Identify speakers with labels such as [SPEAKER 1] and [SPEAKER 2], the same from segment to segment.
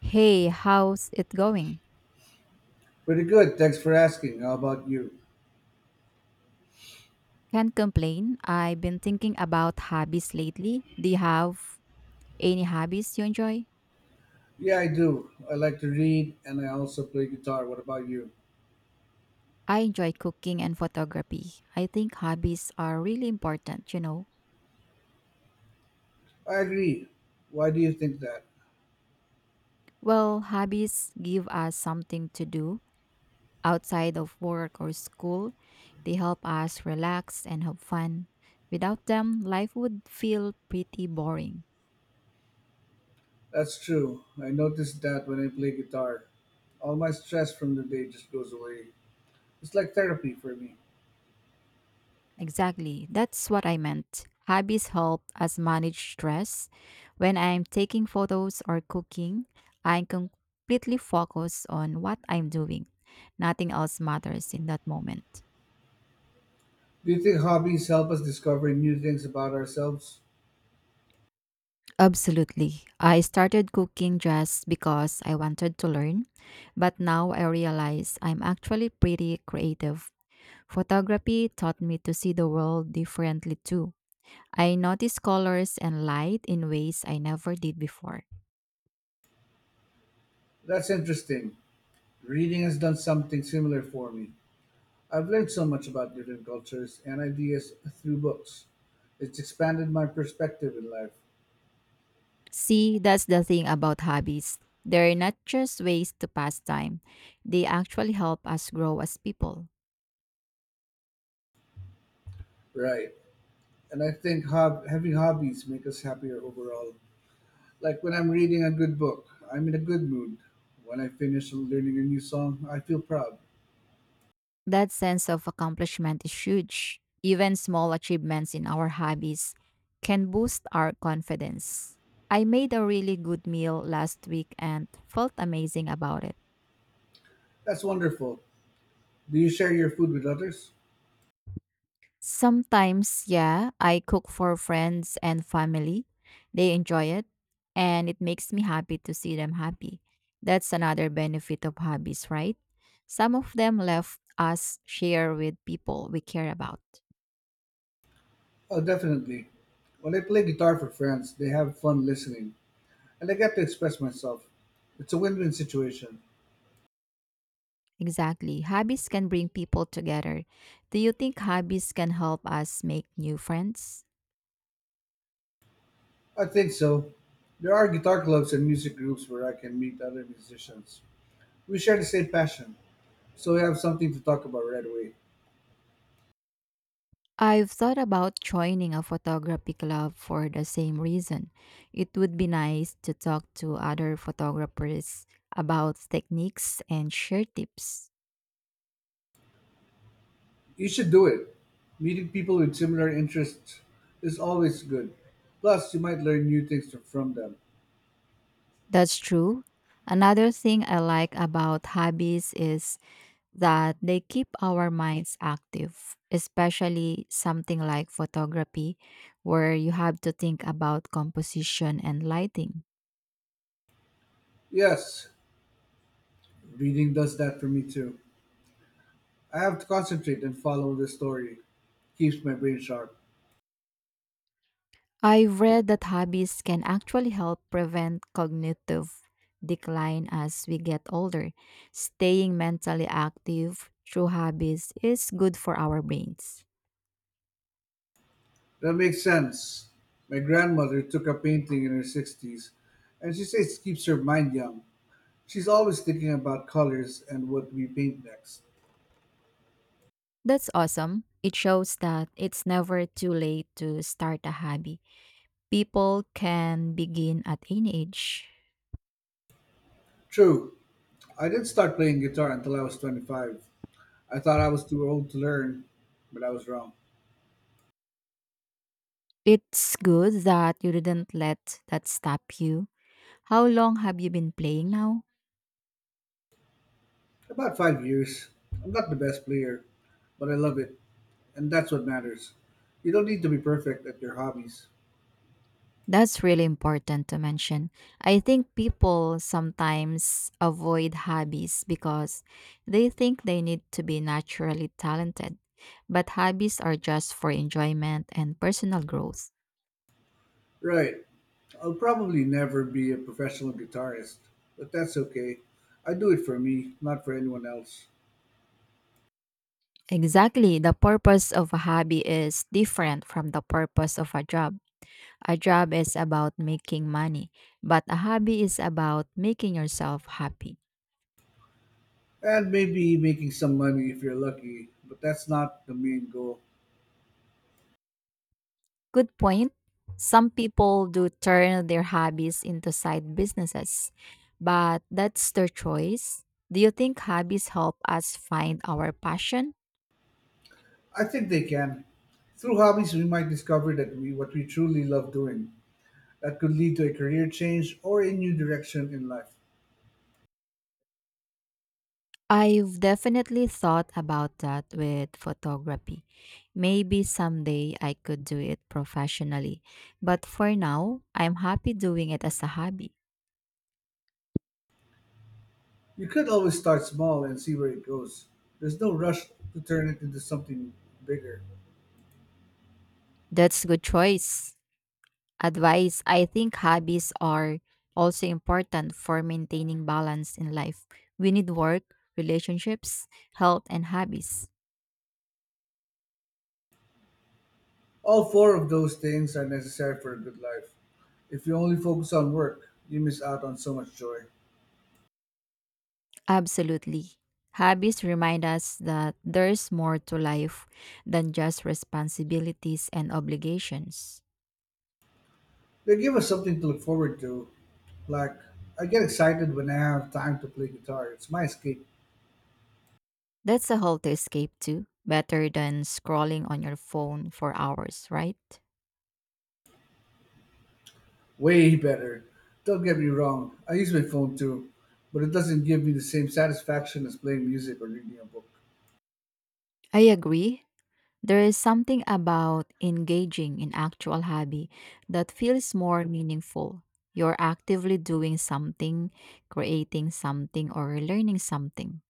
[SPEAKER 1] Hey, how's it going?
[SPEAKER 2] Pretty good, thanks for asking. How about you?
[SPEAKER 1] Can't complain. I've been thinking about hobbies lately. Do you have any hobbies you enjoy?
[SPEAKER 2] Yeah, I do. I like to read and I also play guitar. What about you?
[SPEAKER 1] I enjoy cooking and photography. I think hobbies are really important.
[SPEAKER 2] I agree. Why do you think that?
[SPEAKER 1] Well, hobbies give us something to do outside of work or school. They help us relax and have fun. Without them, life would feel pretty boring.
[SPEAKER 2] That's true. I noticed that when I play guitar, all my stress from the day just goes away. It's like therapy for me.
[SPEAKER 1] Exactly. That's what I meant. Hobbies help us manage stress. When I'm taking photos or cooking, I completely focus on what I'm doing. Nothing else matters in that moment.
[SPEAKER 2] Do you think hobbies help us discover new things about ourselves?
[SPEAKER 1] Absolutely. I started cooking just because I wanted to learn, but now I realize I'm actually pretty creative. Photography taught me to see the world differently too. I notice colors and light in ways I never did before.
[SPEAKER 2] That's interesting. Reading has done something similar for me. I've learned so much about different cultures and ideas through books. It's expanded my perspective in life.
[SPEAKER 1] See, that's the thing about hobbies. They're not just ways to pass time, they actually help us grow as people.
[SPEAKER 2] Right, and I think having hobbies make us happier overall. Like when I'm reading a good book, I'm in a good mood. When I finish learning a new song, I feel proud.
[SPEAKER 1] That sense of accomplishment is huge. Even small achievements in our hobbies can boost our confidence. I made a really good meal last week and felt amazing about it.
[SPEAKER 2] That's wonderful. Do you share your food with others?
[SPEAKER 1] Sometimes, yeah, I cook for friends and family. They enjoy it, and it makes me happy to see them happy. That's another benefit of hobbies, right? Some of them left us share with people we care about.
[SPEAKER 2] Oh, definitely. When I play guitar for friends, they have fun listening, and I get to express myself. It's a win win situation.
[SPEAKER 1] Exactly. Hobbies can bring people together. Do you think hobbies can help us make new friends?
[SPEAKER 2] I think so. There are guitar clubs and music groups where I can meet other musicians. We share the same passion, so we have something to talk about right away.
[SPEAKER 1] I've thought about joining a photography club for the same reason. It would be nice to talk to other photographers about techniques and share tips.
[SPEAKER 2] You should do it. Meeting people with similar interests is always good. Plus, you might learn new things from them.
[SPEAKER 1] That's true. Another thing I like about hobbies is that they keep our minds active, especially something like photography, where you have to think about composition and lighting.
[SPEAKER 2] Yes, reading does that for me too. I have to concentrate and follow the story. Keeps my brain sharp.
[SPEAKER 1] I've read that hobbies can actually help prevent cognitive decline as we get older. Staying mentally active through hobbies is good for our brains.
[SPEAKER 2] That makes sense. My grandmother took up painting in her 60s, and she says it keeps her mind young. She's always thinking about colors and what we paint next.
[SPEAKER 1] That's awesome. It shows that it's never too late to start a hobby. People can begin at any age.
[SPEAKER 2] True, I did start playing guitar until I was 25. I thought I was too old to learn, but I was wrong.
[SPEAKER 1] It's good that you didn't let that stop you. How long have you been playing now?
[SPEAKER 2] About 5 years. I'm not the best player, but I love it, and that's what matters. You don't need to be perfect at your hobbies.
[SPEAKER 1] That's really important to mention. I think people sometimes avoid hobbies because they think they need to be naturally talented, but hobbies are just for enjoyment and personal growth.
[SPEAKER 2] Right. I'll probably never be a professional guitarist, but that's okay. I do it for me, not for anyone else.
[SPEAKER 1] Exactly, the purpose of a hobby is different from the purpose of a job. A job is about making money, but a hobby is about making yourself happy.
[SPEAKER 2] And maybe making some money if you're lucky, but that's not the main goal.
[SPEAKER 1] Good point. Some people do turn their hobbies into side businesses, but that's their choice. Do you think hobbies help us find our passion?
[SPEAKER 2] I think they can. Through hobbies, we might discover that we what we truly love doing. That could lead to a career change or a new direction in life.
[SPEAKER 1] I've definitely thought about that with photography. Maybe someday I could do it professionally, but for now, I'm happy doing it as a hobby.
[SPEAKER 2] You could always start small and see where it goes. There's no rush to turn it into something bigger.
[SPEAKER 1] That's a good choice. Advice, I think hobbies are also important for maintaining balance in life. We need work, relationships, health, and hobbies.
[SPEAKER 2] All four of those things are necessary for a good life. If you only focus on work, you miss out on so much joy.
[SPEAKER 1] Absolutely. Hobbies remind us that there's more to life than just responsibilities and obligations.
[SPEAKER 2] They give us something to look forward to. Like, I get excited when I have time to play guitar. It's my escape.
[SPEAKER 1] That's a whole to escape to, better than scrolling on your phone for hours, right?
[SPEAKER 2] Way better. Don't get me wrong, I use my phone too, but it doesn't give me the same satisfaction as playing music or reading a book.
[SPEAKER 1] I agree. There is something about engaging in actual hobby that feels more meaningful. You're actively doing something, creating something, or learning something.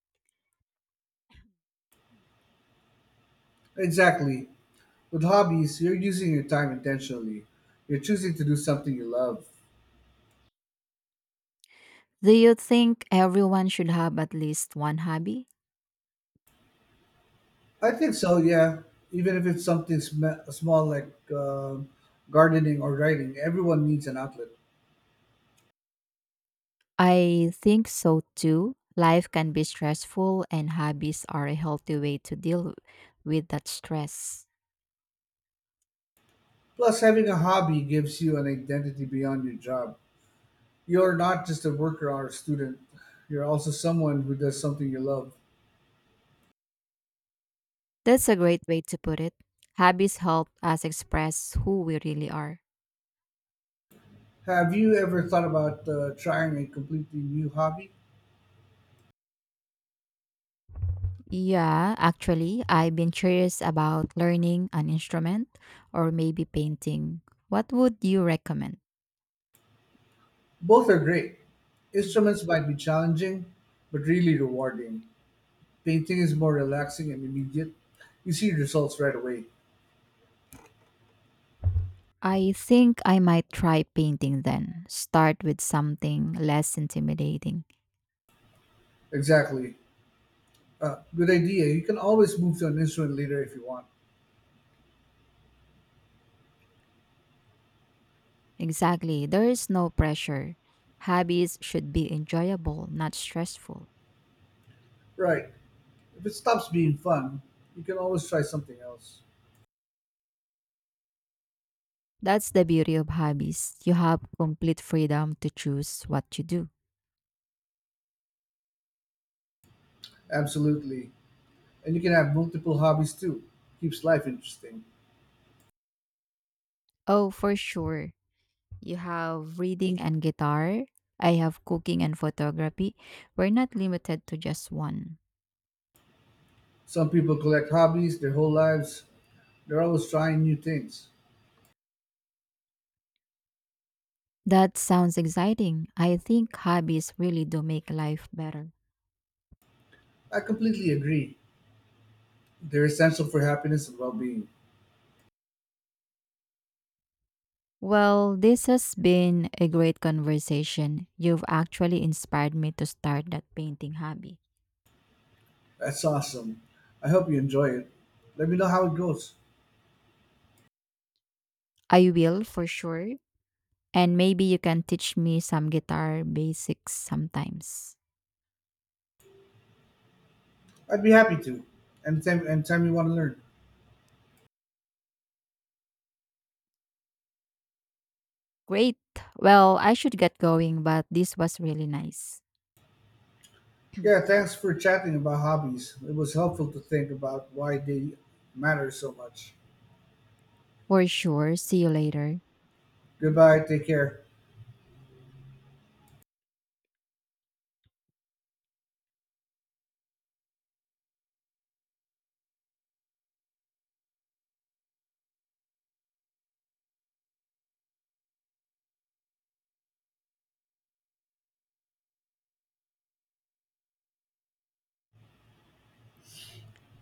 [SPEAKER 2] Exactly. With hobbies, you're using your time intentionally. You're choosing to do something you love.
[SPEAKER 1] Do you think everyone should have at least one hobby?
[SPEAKER 2] I think so, yeah. Even if it's something small like gardening or writing, everyone needs an outlet.
[SPEAKER 1] I think so too. Life can be stressful, and hobbies are a healthy way to deal with that stress.
[SPEAKER 2] Plus, having a hobby gives you an identity beyond your job. You're not just a worker or a student, you're also someone who does something you love.
[SPEAKER 1] That's a great way to put it. Hobbies help us express who we really are.
[SPEAKER 2] Have you ever thought about trying a completely new hobby?
[SPEAKER 1] Yeah, actually, I've been curious about learning an instrument or maybe painting. What would you recommend?
[SPEAKER 2] Both are great. Instruments might be challenging, but really rewarding. Painting is more relaxing and immediate. You see results right away.
[SPEAKER 1] I think I might try painting then. Start with something less intimidating.
[SPEAKER 2] Exactly. Good idea. You can always move to an instrument later if you want.
[SPEAKER 1] Exactly, there is no pressure. Hobbies should be enjoyable, not stressful.
[SPEAKER 2] Right. If it stops being fun, you can always try something else.
[SPEAKER 1] That's the beauty of hobbies. You have complete freedom to choose what you do.
[SPEAKER 2] Absolutely. And you can have multiple hobbies too. Keeps life interesting.
[SPEAKER 1] Oh, for sure. You have reading and guitar. I have cooking and photography. We're not limited to just one.
[SPEAKER 2] Some people collect hobbies their whole lives. They're always trying new things.
[SPEAKER 1] That sounds exciting. I think hobbies really do make life better.
[SPEAKER 2] I completely agree. They're essential for happiness and well being.
[SPEAKER 1] Well, this has been a great conversation. You've actually inspired me to start that painting hobby.
[SPEAKER 2] That's awesome. I hope you enjoy it. Let me know how it goes.
[SPEAKER 1] I will for sure. And maybe you can teach me some guitar basics sometimes.
[SPEAKER 2] I'd be happy to. Anytime, anytime you want to learn.
[SPEAKER 1] Great. Well, I should get going, but this was really nice.
[SPEAKER 2] Yeah, thanks for chatting about hobbies. It was helpful to think about why they matter so much.
[SPEAKER 1] For sure. See you later.
[SPEAKER 2] Goodbye, take care.